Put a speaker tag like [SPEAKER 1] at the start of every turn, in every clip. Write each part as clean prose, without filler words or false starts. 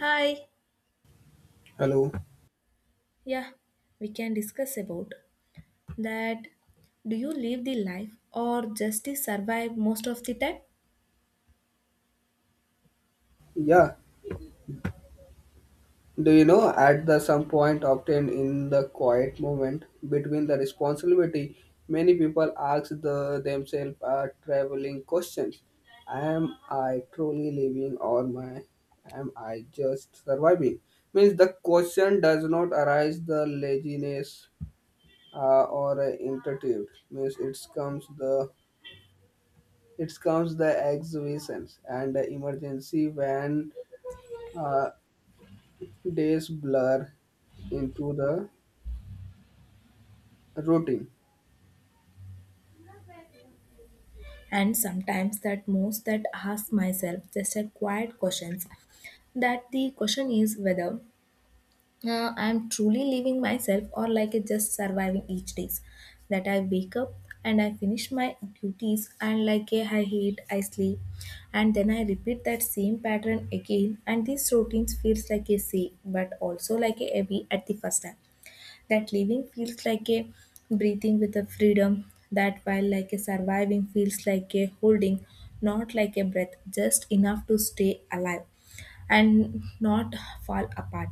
[SPEAKER 1] Hi,
[SPEAKER 2] Hello.
[SPEAKER 1] yeah, we can discuss about that. Do you live the life or just to survive most of the time?
[SPEAKER 2] Yeah. Do you know at the some point obtained in the quiet moment between the responsibility, many people ask the themselves a traveling questions. Am I truly living or my am I just surviving? Means the question does not arise the laziness or intuitive. Means it comes the exhibitions and the emergency when uh, days blur into the routine,
[SPEAKER 1] And sometimes that most that ask myself just a quiet questions. That the question is whether I'm truly living myself or like a just surviving each days that I wake up and I finish my duties and like a I hate I sleep and then I repeat that same pattern again, and these routines feels like a safe but also like a heavy at the first time that living feels like a breathing with a freedom that while like a surviving feels like a holding not like a breath just enough to stay alive and not fall apart.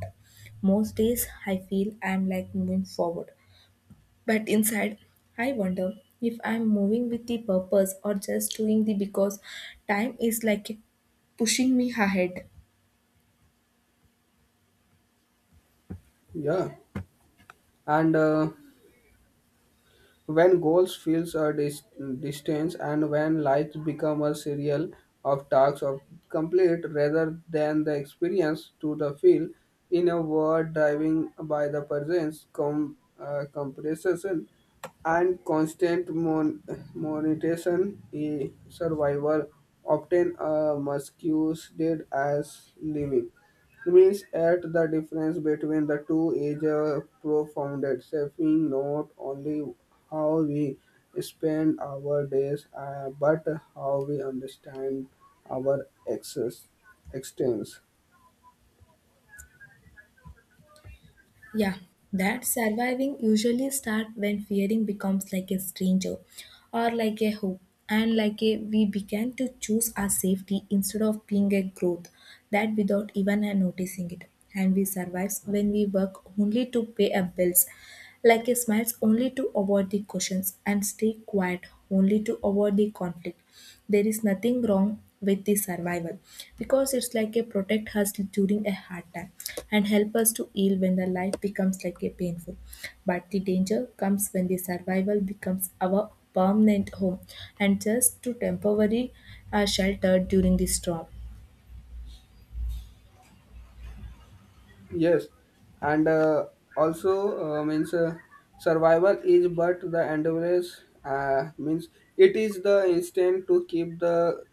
[SPEAKER 1] Most days I feel I'm like moving forward, but inside I wonder if I'm moving with the purpose or just doing the because time is like pushing me ahead.
[SPEAKER 2] yeah, and when goals feels a distance, and when life become a serial of tasks of complete rather than the experience to the feel in a word driving by the presence compression and constant monetization a survival obtain a muscus did as living. Means at the difference between the two is profound, shaping not only how we spend our days, but how we understand our access, existence.
[SPEAKER 1] Yeah, that surviving usually start when fearing becomes like a stranger or like a hope and like a we began to choose our safety instead of being a growth that without even noticing it, and we survive when we work only to pay our bills, like he smiles only to avoid the questions and stay quiet only to avoid the conflict. There is nothing wrong with the survival because it's like a protect us during a hard time and help us to heal when the life becomes like a painful. But the danger comes when the survival becomes our permanent home and just to temporary shelter during the storm.
[SPEAKER 2] Yes, and also means survival is but the endurance means it is the instinct to keep the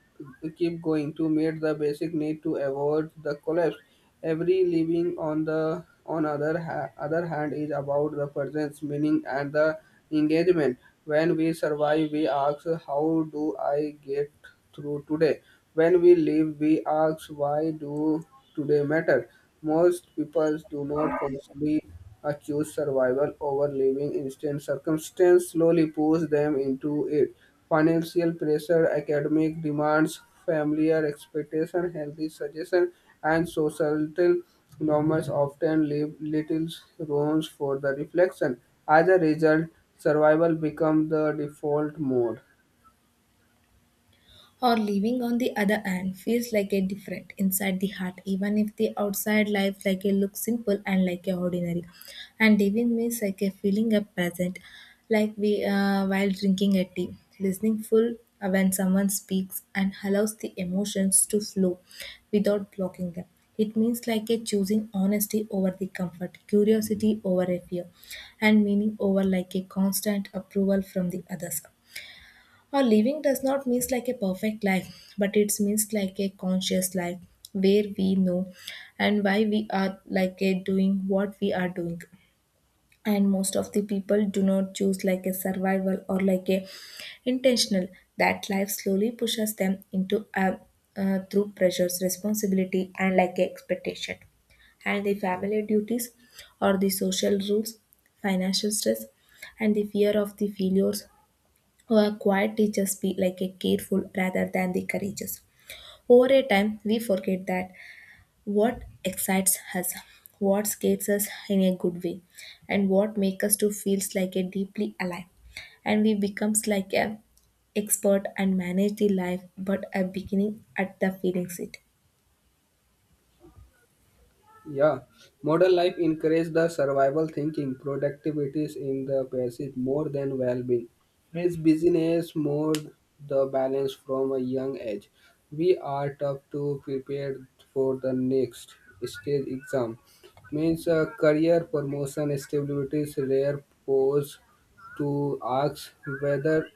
[SPEAKER 2] keep going to meet the basic need to avoid the collapse. Every living on the other hand is about the presence, meaning, and the engagement. When we survive, we ask, "How do I get through today?" When we live, we ask, "Why do?" today matter. Most people do not consciously choose survival over living instant circumstance slowly push them into it. Financial pressure, academic demands, familiar expectation, healthy suggestion, and societal norms often leave little room for the reflection. As a result, survival becomes the default mode.
[SPEAKER 1] Or living on the other hand feels like a different inside the heart even if the outside life like a looks simple and like a ordinary, and living means like a feeling a present like we while drinking a tea, listening full when someone speaks and allows the emotions to flow without blocking them. It means like a choosing honesty over the comfort, curiosity over a fear, and meaning over like a constant approval from the others. Or living does not mean like a perfect life, but it means like a conscious life where we know and why we are like a doing what we are doing. And most of the people do not choose like a survival or like a intentional. That life slowly pushes them into a through pressures, responsibility, and like a expectation and the family duties or the social rules, financial stress, and the fear of the failures our quiet teachers be like a careful rather than the courageous. Over a time, we forget that what excites us, what scares us in a good way, and what makes us to feels like a deeply alive. And we becomes like a expert and manage the life, but a beginning at the feeling seat.
[SPEAKER 2] Yeah, modern life encourages the survival thinking, productivities in the pursuit more than well-being. It's business more the balance from a young age. We are tough to prepare for the next stage exam. Means career promotion stability is rare pose to ask whether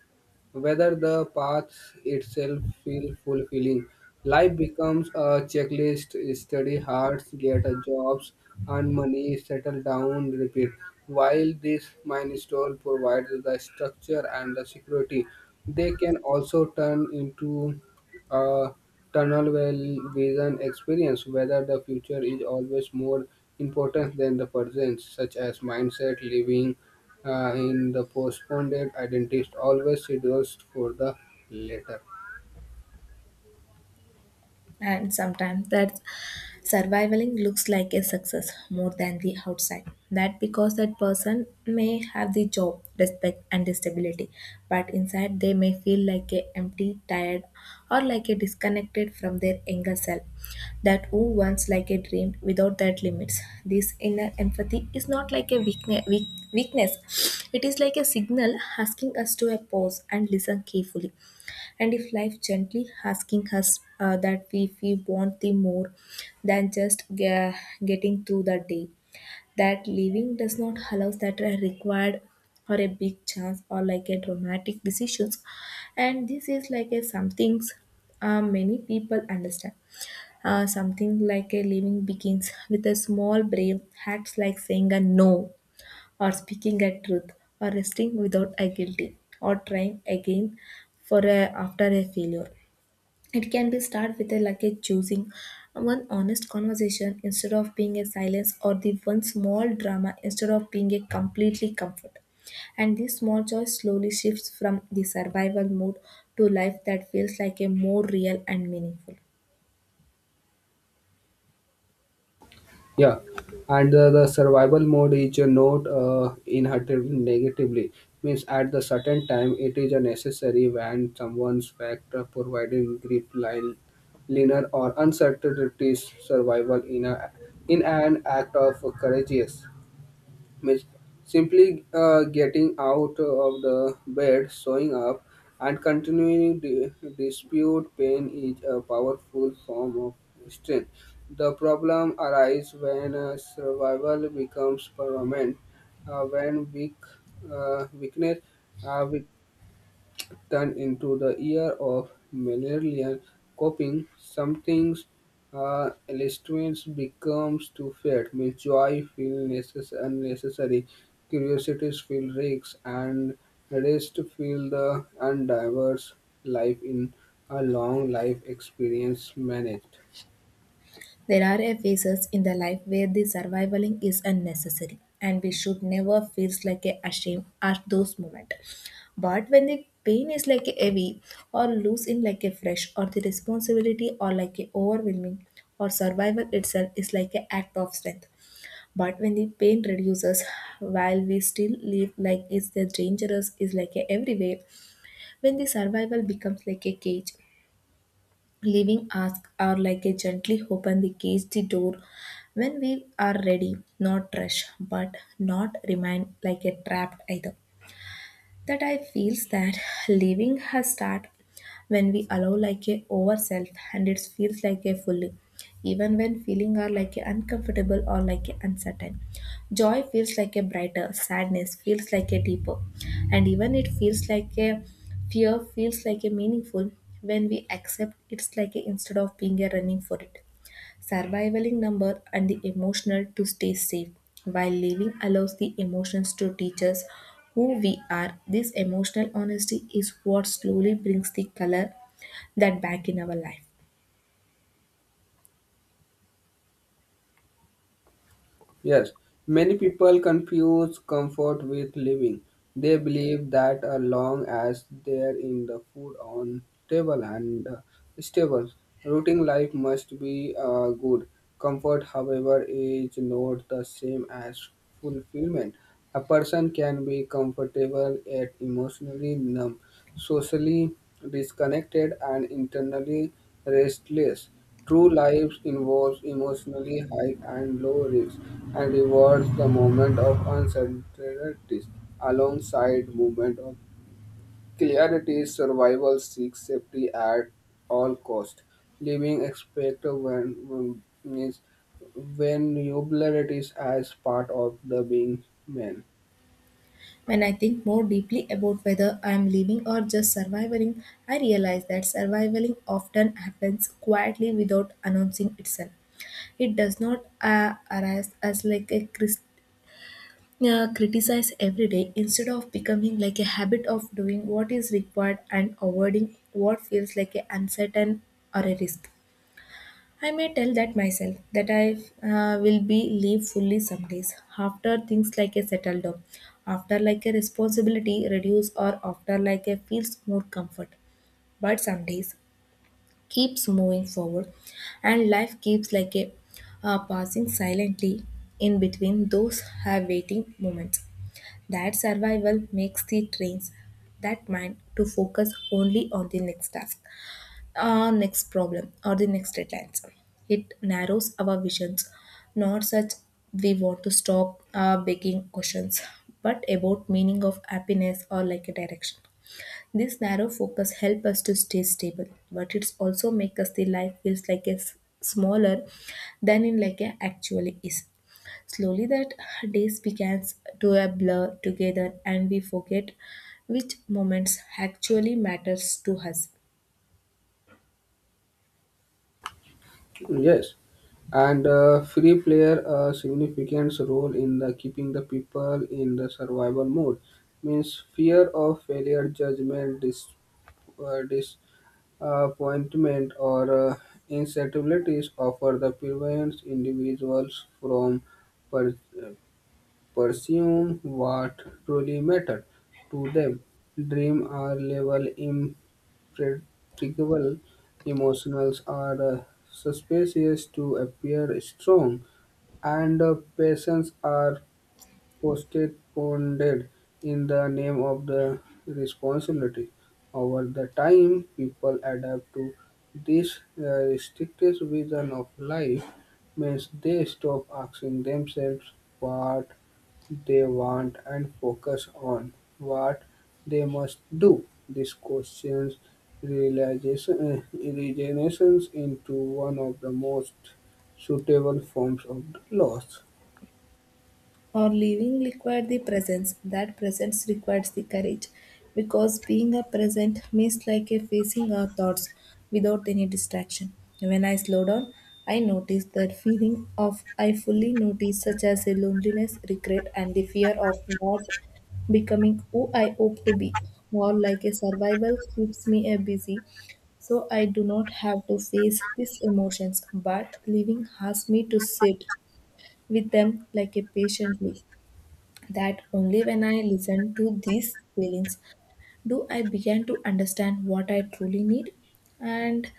[SPEAKER 2] whether the path itself feel fulfilling. Life becomes a checklist, study hard, get a jobs, earn money, settle down, repeat. While this milestone provides the structure and the security, they can also turn into a tunnel well vision experience whether the future is always more important than the present, such as mindset, living in the postponed date, identist always schedules for the later.
[SPEAKER 1] And sometimes that surviving looks like a success more than the outside that because that person may have the job respect and stability, but inside they may feel like a empty tired or like a disconnected from their younger self that who once like a dream without that limits. This inner empathy is not like a weakness. It is like a signal asking us to a pause and listen carefully, and if life gently asking us that we want the more than just getting through the day that living does not allow that are required or a big chance or like a dramatic decisions, and this is like a some things many people understand something like a living begins with a small brave acts like saying a no, or speaking a truth, or resting without a guilty, or trying again for a, after a failure. It can be start with a luggage choosing one honest conversation instead of being a silence, or the one small drama instead of being a completely comfort. And this small choice slowly shifts from the survival mode to life that feels like a more real and meaningful.
[SPEAKER 2] Yeah, and the survival mode is a not inherited negatively. Means at the certain time, it is a necessary when someone's factor providing grip line linear or uncertainties survival in a in an act of courageous means simply getting out of the bed, showing up, and continuing dispute pain is a powerful form of strength. The problem arises when survival becomes permanent, when weakness uh, turned into the year of malarial coping. Some things illustration becomes too fed, means joy feel unnecessary, curiosities feel risks, and rest feel the undiverse life in a long life experience managed.
[SPEAKER 1] There are a phases in the life where the surviving is unnecessary, and we should never feel like a ashamed at those moments. But when the pain is like a heavy or loose in like a fresh, or the responsibility or like a overwhelming, or survival itself is like an act of strength. But when the pain reduces, while we still live like it's the dangerous is like a everywhere, when the survival becomes like a cage, leaving asks are like a gently open the cage the door when we are ready, not rush, but not remain like a trapped either that I feels that living has start when we allow like a ourself and it feels like a fully even when feeling are like a uncomfortable or like a uncertain. Joy feels like a brighter, sadness feels like a deeper, and even it feels like a fear feels like a meaningful when we accept it's like a instead of being a running for it. Surviving number and the emotional to stay safe while living allows the emotions to teach us who we are. This emotional honesty is what slowly brings the color that back in our life.
[SPEAKER 2] Yes, many people confuse comfort with living. They believe that as long as there in the food on table and stable, routine life must be good. Comfort, however, is not the same as fulfillment. A person can be comfortable yet emotionally numb, socially disconnected, and internally restless. True life involves emotionally high and low risks and rewards the moment of uncertainties alongside moment of clarity. Survival seeks safety at all cost. Living expect means when vulnerabilities as part of the being man.
[SPEAKER 1] When I think more deeply about whether I am living or just surviving, I realize that surviving often happens quietly without announcing itself. It does not arise as like a crisp criticize every day, instead of becoming like a habit of doing what is required and avoiding what feels like a uncertain or a risk. I may tell that myself that I will be leave fully some days after things like a settled down, after like a responsibility reduce or after like a feels more comfort. But some days keeps moving forward and life keeps like a passing silently in between those have waiting moments that survival makes the trains that mind to focus only on the next task, or next problem, or the next deadlines. It narrows our visions, not such we want to stop begging questions, but about meaning of happiness or like a direction. This narrow focus help us to stay stable, but it's also make us the life feels like it's smaller than in like a actually is. Slowly that days begins to a blur together and we forget which moments actually matters to us.
[SPEAKER 2] Yes, and free player a significant role in the keeping the people in the survival mode. Means fear of failure, judgment, uh, disappointment, or instabilities offer the prevents individuals from per, pursuing what truly matter to them. Dream or level predictable emotionals are suspicious to appear strong, and patients are postponed in the name of the responsibility. Over the time, people adapt to this restricted vision of life means they stop asking themselves what they want and focus on what they must do. These questions realization, regenerations into one of the most suitable forms of loss.
[SPEAKER 1] Or living required the presence. That presence requires the courage. Because being a present means like a facing our thoughts without any distraction. When I slow down, I notice that feeling of I fully notice such as a loneliness, regret and the fear of not becoming who I hope to be. More like a survival keeps me a busy so I do not have to face these emotions, but living asks me to sit with them like a patiently that only when I listened to these feelings do I begin to understand what I truly need, and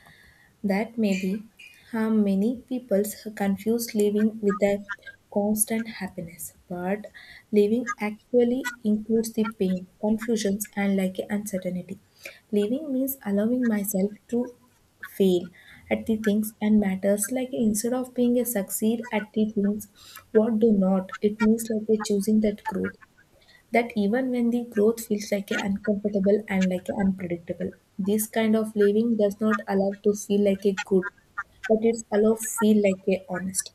[SPEAKER 1] that maybe how many people confuse living with a constant happiness, but living actually includes the pain, confusions, and like uncertainty. Living means allowing myself to fail at the things and matters like instead of being a succeed at the things what do not. It means like a choosing that growth that even when the growth feels like a uncomfortable and like a unpredictable. This kind of living does not allow to feel like a good, but it's allow feel like a honest,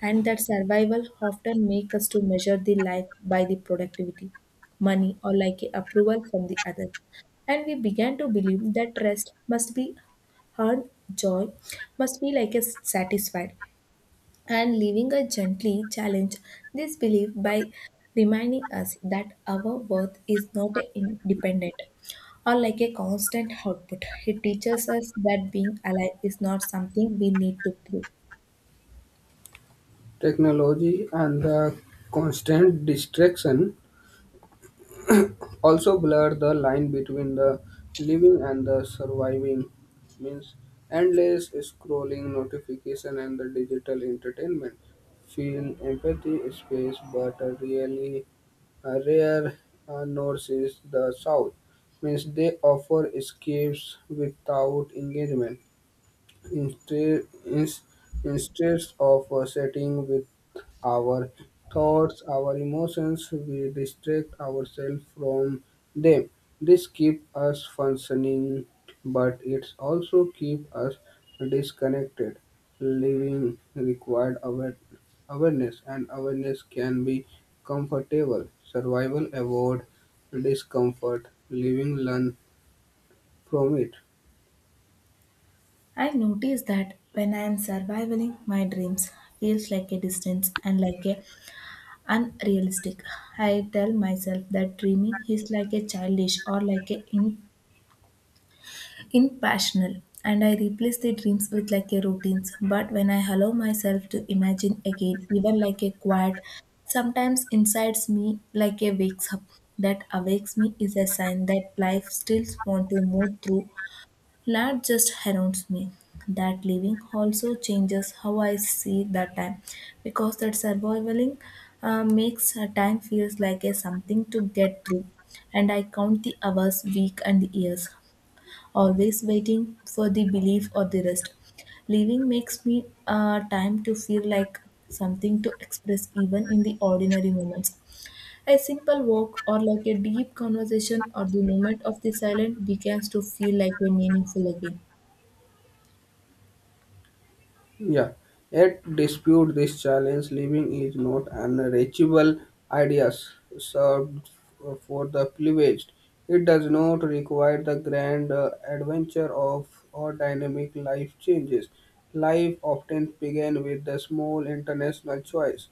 [SPEAKER 1] and that survival often make us to measure the life by the productivity, money or like a approval from the other, and we began to believe that rest must be earned, joy must be like a satisfied, and leaving a gently challenge this belief by reminding us that our worth is not independent or like a constant output. It teaches us that being alive is not something we need to prove.
[SPEAKER 2] Technology and the constant distraction also blur the line between the living and the surviving, means endless scrolling, notification, and the digital entertainment. Feel empathy space, but a really a rare north is the south, means they offer escapes without engagement. Instead, ins- instead of sitting with our thoughts, our emotions, we distract ourselves from them. This keeps us functioning, but it also keeps us disconnected. Living required awareness, and awareness can be comfortable. Survival avoid discomfort. Living learn from it.
[SPEAKER 1] I notice that when I am surviving my dreams feels like a distance and like a unrealistic. I tell myself that dreaming is like a childish or like a Impassional, and I replace the dreams with like a routines. But when I allow myself to imagine again, even like a quiet, sometimes insides me like a wakes up. That awakes me is a sign that life still wants to move through, not just surrounds me. That living also changes how I see that time, because that surviving makes a time feels like a something to get through, and I count the hours, week, and the years always waiting for the belief or the rest. Leaving makes me time to feel like something to express even in the ordinary moments. A simple walk or like a deep conversation or the moment of the silence begins to feel like a meaningful again.
[SPEAKER 2] Yeah, yet dispute this challenge, living is not an reachable idea served for the privileged. It does not require the grand adventure of or dynamic life changes. Life often begins with the small international choice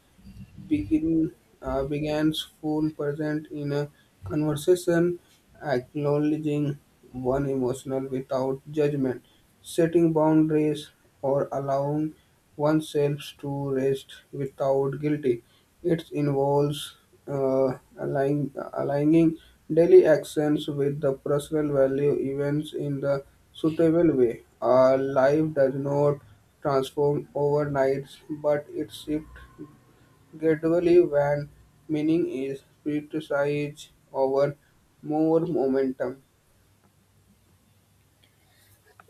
[SPEAKER 2] begin begins full present in a conversation, acknowledging one emotional without judgment, setting boundaries or allowing oneself to rest without guilty. It involves aligning daily actions with the personal value events in the suitable way. Our life does not transform overnight, but it shifts gradually, when meaning is prioritized over more momentum.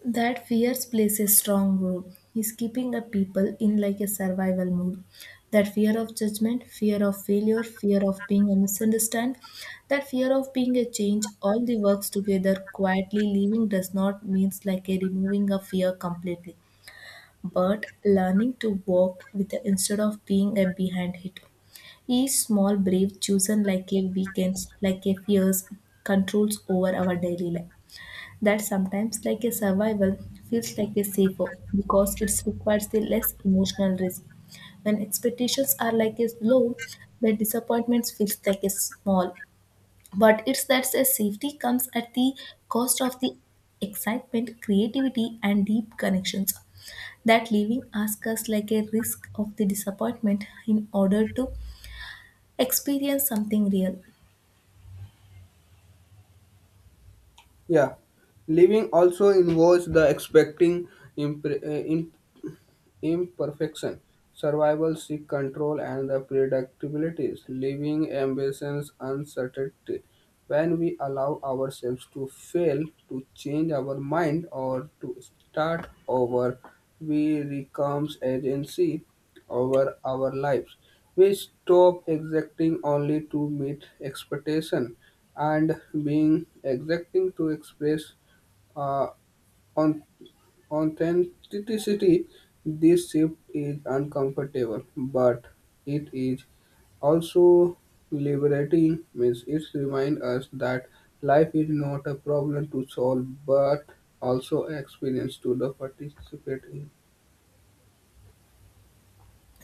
[SPEAKER 1] That fears plays a strong role. Is keeping a people in like a survival mode. That fear of judgment, fear of failure, fear of being a misunderstood, that fear of being a change, all the works together quietly leaving does not means like a removing a fear completely, but learning to walk with the instead of being a behind it. Each small brave chosen like a weekends, like a fears, controls over our daily life that sometimes like a survival feels like a safer because it requires a less emotional risk. When expectations are like a low, the disappointments feels like a small. But it's that a safety comes at the cost of the excitement, creativity, and deep connections. That leaving asks us like a risk of the disappointment in order to experience something real.
[SPEAKER 2] Yeah. Living also involves the expecting imp- imperfection, survival seek control and the predictabilities, leaving ambitions uncertainty. When we allow ourselves to fail, to change our mind or to start over, we becomes agency over our lives. We stop exacting only to meet expectation and being exacting to express uh, authenticity, this shift is uncomfortable, but it is also liberating. Means it reminds us that life is not a problem to solve, but also experience to the participate in.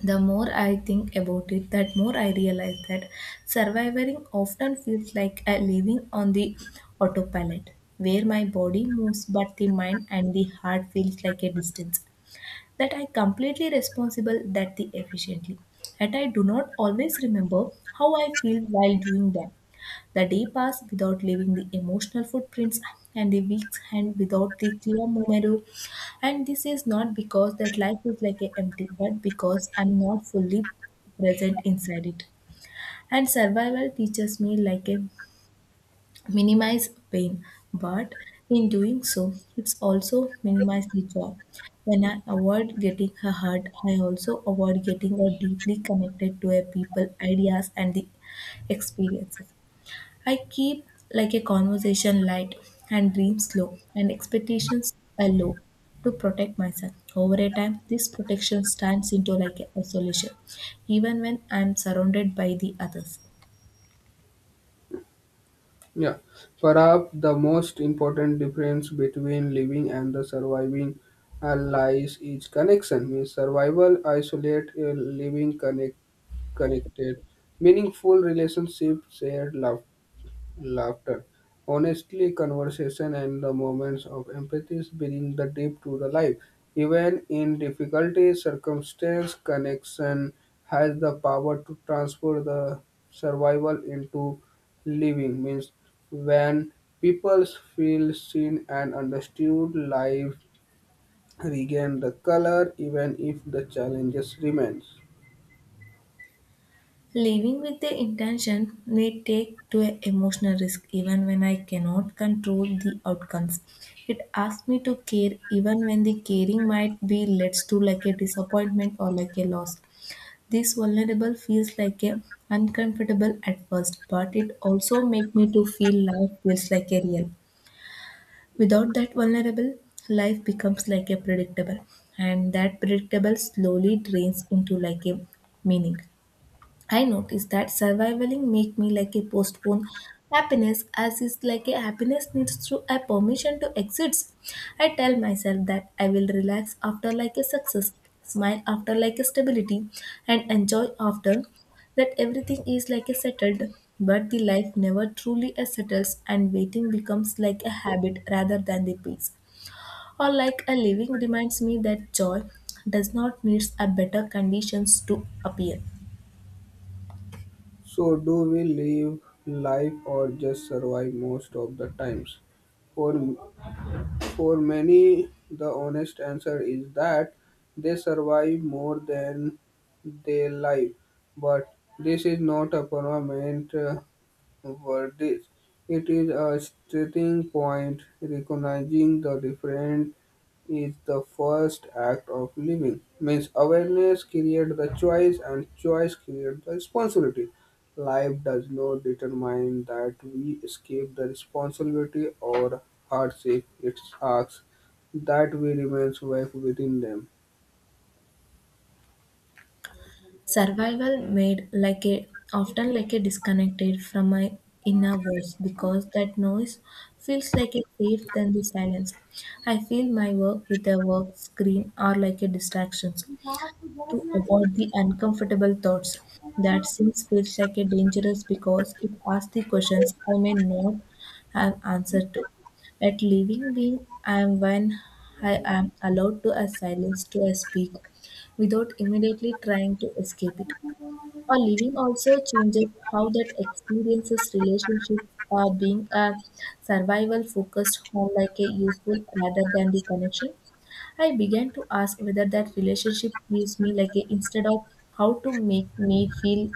[SPEAKER 1] The more I think about it, that more I realize that surviving often feels like a living on the autopilot, where my body moves but the mind and the heart feels like a distance, that I completely responsible that the efficiently, that I do not always remember how I feel while doing them. The day passed without leaving the emotional footprints and the weeks hand without the clear memory. And this is not because that life is like a empty, but because I'm not fully present inside it. And survival teaches me like a minimize pain, but in doing so, it's also minimize the job. When I avoid getting a hurt, I also avoid getting a deeply connected to a people, ideas, and the experiences. I keep like a conversation light and dreams low and expectations are low to protect myself. Over a time, this protection turns into like a isolation, even when I'm surrounded by the others.
[SPEAKER 2] Yeah, perhaps the most important difference between living and the surviving lies is connection. Means survival isolate living connected, meaningful relationships, shared love, laughter, honestly conversation, and the moments of empathy bring the deep to the life. Even in difficulty, circumstance, connection has the power to transfer the survival into living. Means when people feel seen and understood, life regain the color even if the challenges remains.
[SPEAKER 1] Living with the intention may take to an emotional risk even when I cannot control the outcomes. It asks me to care even when the caring might be leads to like a disappointment or like a loss. This vulnerable feels like a uncomfortable at first, but it also makes me to feel life feels like a real. Without that vulnerable, life becomes like a predictable, and that predictable slowly drains into like a meaning. I noticed that surviving make me like a postpone happiness as is like a happiness needs to a permission to exist. I tell myself that I will relax after like a success, smile after like a stability, and enjoy after that everything is like a settled. But the life never truly a settles, and waiting becomes like a habit rather than the peace. Or like a living reminds me that joy does not needs a better conditions to appear.
[SPEAKER 2] So, do we live life or just survive most of the times? For, for many, the honest answer is that they survive more than they live. But this is not a permanent world is. It is a starting point. Recognizing the different is the first act of living. Means awareness creates the choice and choice creates the responsibility. Life does not determine that we escape the responsibility or hardship. It asks that we remain safe within them.
[SPEAKER 1] Survival made like a often like a disconnected from my inner voice because that noise feels like a safe than the silence. I feel my work with a work screen are like a distractions to avoid the uncomfortable thoughts. That seems feels like a dangerous because it asks the questions I may not have answer to. At living being I am when I am allowed to a silence to a speak without immediately trying to escape it. Our living also changes how that experiences relationships are being a survival focused home like a useful rather than the connection. I began to ask whether that relationship gives me like a instead of how to make me feel,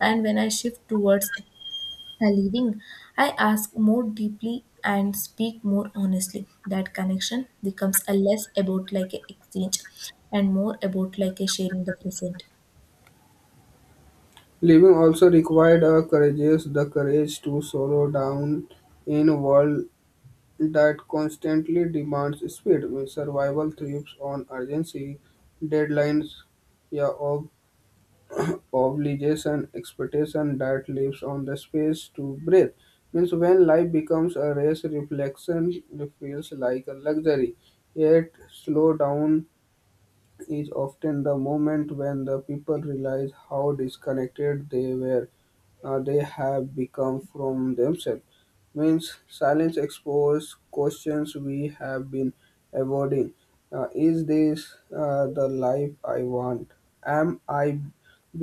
[SPEAKER 1] and when I shift towards a living, I ask more deeply and speak more honestly. That connection becomes a less about like a exchange and more about like a sharing the present.
[SPEAKER 2] Living also required a courage, the courage to slow down in world that constantly demands speed. When survival thrives on urgency, deadlines, yeah, obligation, expectation that lives on the space to breathe. Means when life becomes a race, reflection feels like a luxury. Yet slow down is often the moment when the people realize how disconnected they have become from themselves, means silence exposes questions we have been avoiding. Is this the life I want? Am I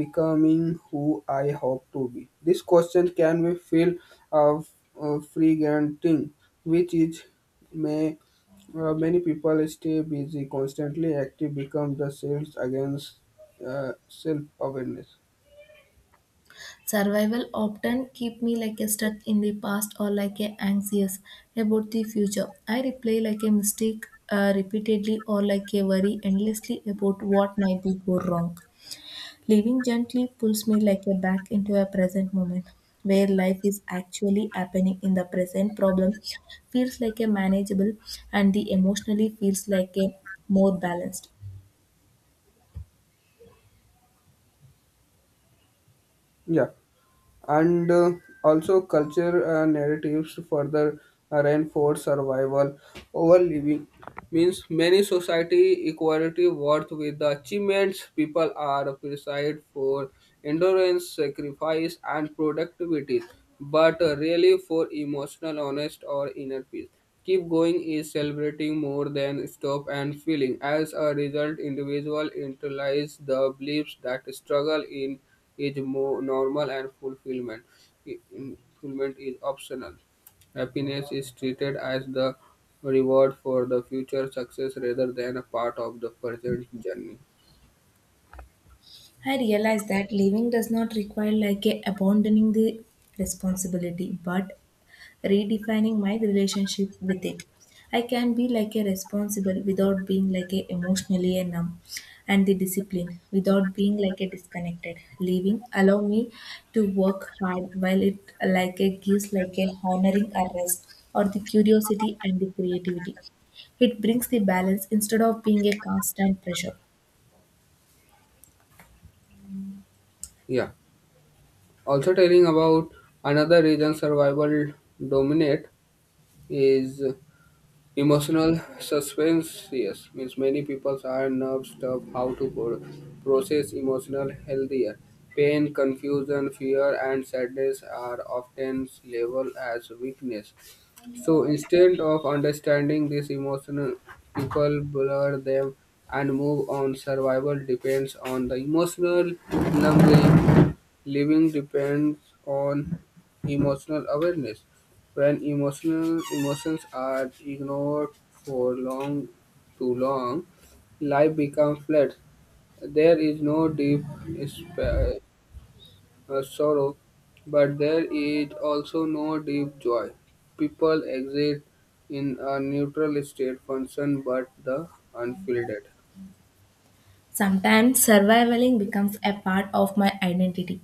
[SPEAKER 2] becoming who I hope to be? This question can be feel of frightening, which is may many people stay busy, constantly active, become the sales against self-awareness.
[SPEAKER 1] Survival often keep me like a stuck in the past or like a anxious about the future. I replay like a mistake repeatedly or like a worry endlessly about what might be go wrong. Living gently pulls me like a back into a present moment where life is actually happening in the present problem feels like a manageable and the emotionally feels like a more balanced.
[SPEAKER 2] Yeah, and also culture narratives further reinforce survival over living. Means many society equality worth with the achievements people are appreciated for endurance, sacrifice, and productivity, but really for emotional honest or inner peace. Keep going is celebrating more than stop and feeling. As a result, individual internalize the beliefs that struggle in is more normal and fulfillment. in- Fulfillment is optional. Happiness is treated as the reward for the future success rather than a part of the present journey.
[SPEAKER 1] I realize that living does not require like a abandoning the responsibility, but redefining my relationship with it. I can be like a responsible without being like a emotionally a numb, and the discipline without being like a disconnected living allow me to work hard while it like a gives like a honoring a rest or the curiosity and the creativity. It brings the balance instead of being a constant pressure.
[SPEAKER 2] Yeah. Also telling about another reason survival dominate is emotional suspense, yes, means many people are nervous of how to process emotional healthier. Pain, confusion, fear, and sadness are often labeled as weakness. So instead of understanding this emotional, people blur them and move on. Survival depends on the emotional numbing. Living depends on emotional awareness. When emotional emotions are ignored for too long, life becomes flat. There is no deep spa- sorrow, but there is also no deep joy. People exist in a neutral state function, but the unfiltered.
[SPEAKER 1] Sometimes surviving becomes a part of my identity.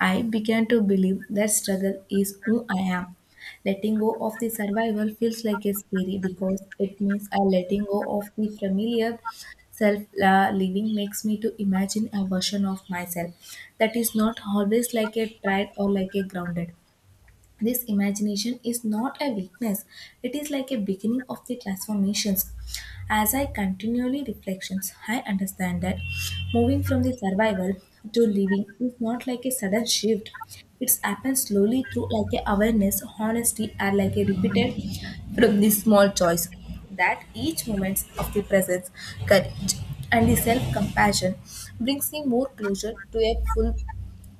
[SPEAKER 1] I began to believe that struggle is who I am. Letting go of the survival feels like a scary because it means I letting go of the familiar self living makes me to imagine a version of myself that is not always like a tried or like a grounded. This imagination is not a weakness, it is like a beginning of the transformations. As I continually reflections, I understand that moving from the survival to living is not like a sudden shift. It's happened slowly through like a awareness, honesty, are like a repeated from this small choice, that each moment of the presence, courage, and the self-compassion brings me more closer to a full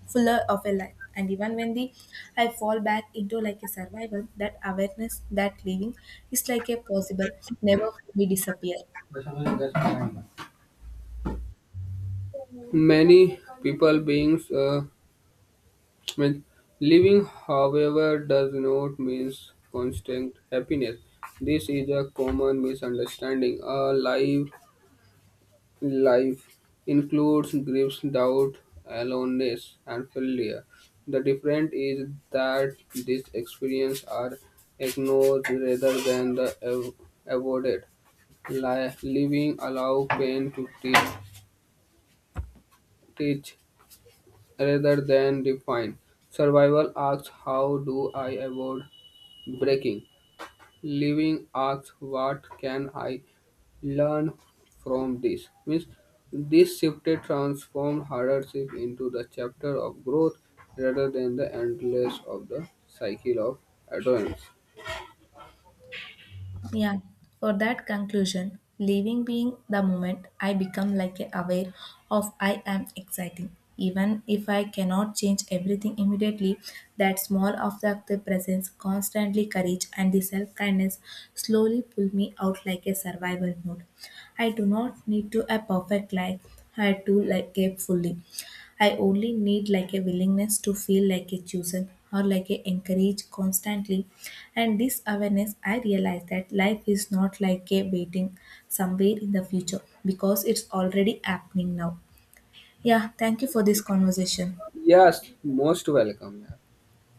[SPEAKER 1] fuller of a life. And even when the I fall back into like a survival, that awareness that living is like a possible never fully disappear.
[SPEAKER 2] Many people beings means living, however, does not mean constant happiness. This is a common misunderstanding. A life Life includes griefs, doubt, aloneness, and failure. The difference is that these experiences are ignored rather than the avoided. Living allow pain to teach rather than define. Survival asks, "How do I avoid breaking?" Living asks, what can I learn from this? Means this shifted transformed hardship into the chapter of growth rather than the endless of the cycle of adherence.
[SPEAKER 1] Yeah, for that conclusion, living being the moment I become like a aware of I am exciting. Even if I cannot change everything immediately, that small of the presence, constantly courage and the self-kindness slowly pull me out like a survival mode. I do not need to a perfect life, I do like a fully. I only need like a willingness to feel like a chosen or like a encouraged constantly. And this awareness, I realize that life is not like a waiting somewhere in the future because it's already happening now. Yeah, thank you for this conversation.
[SPEAKER 2] Yes, most welcome. Yeah.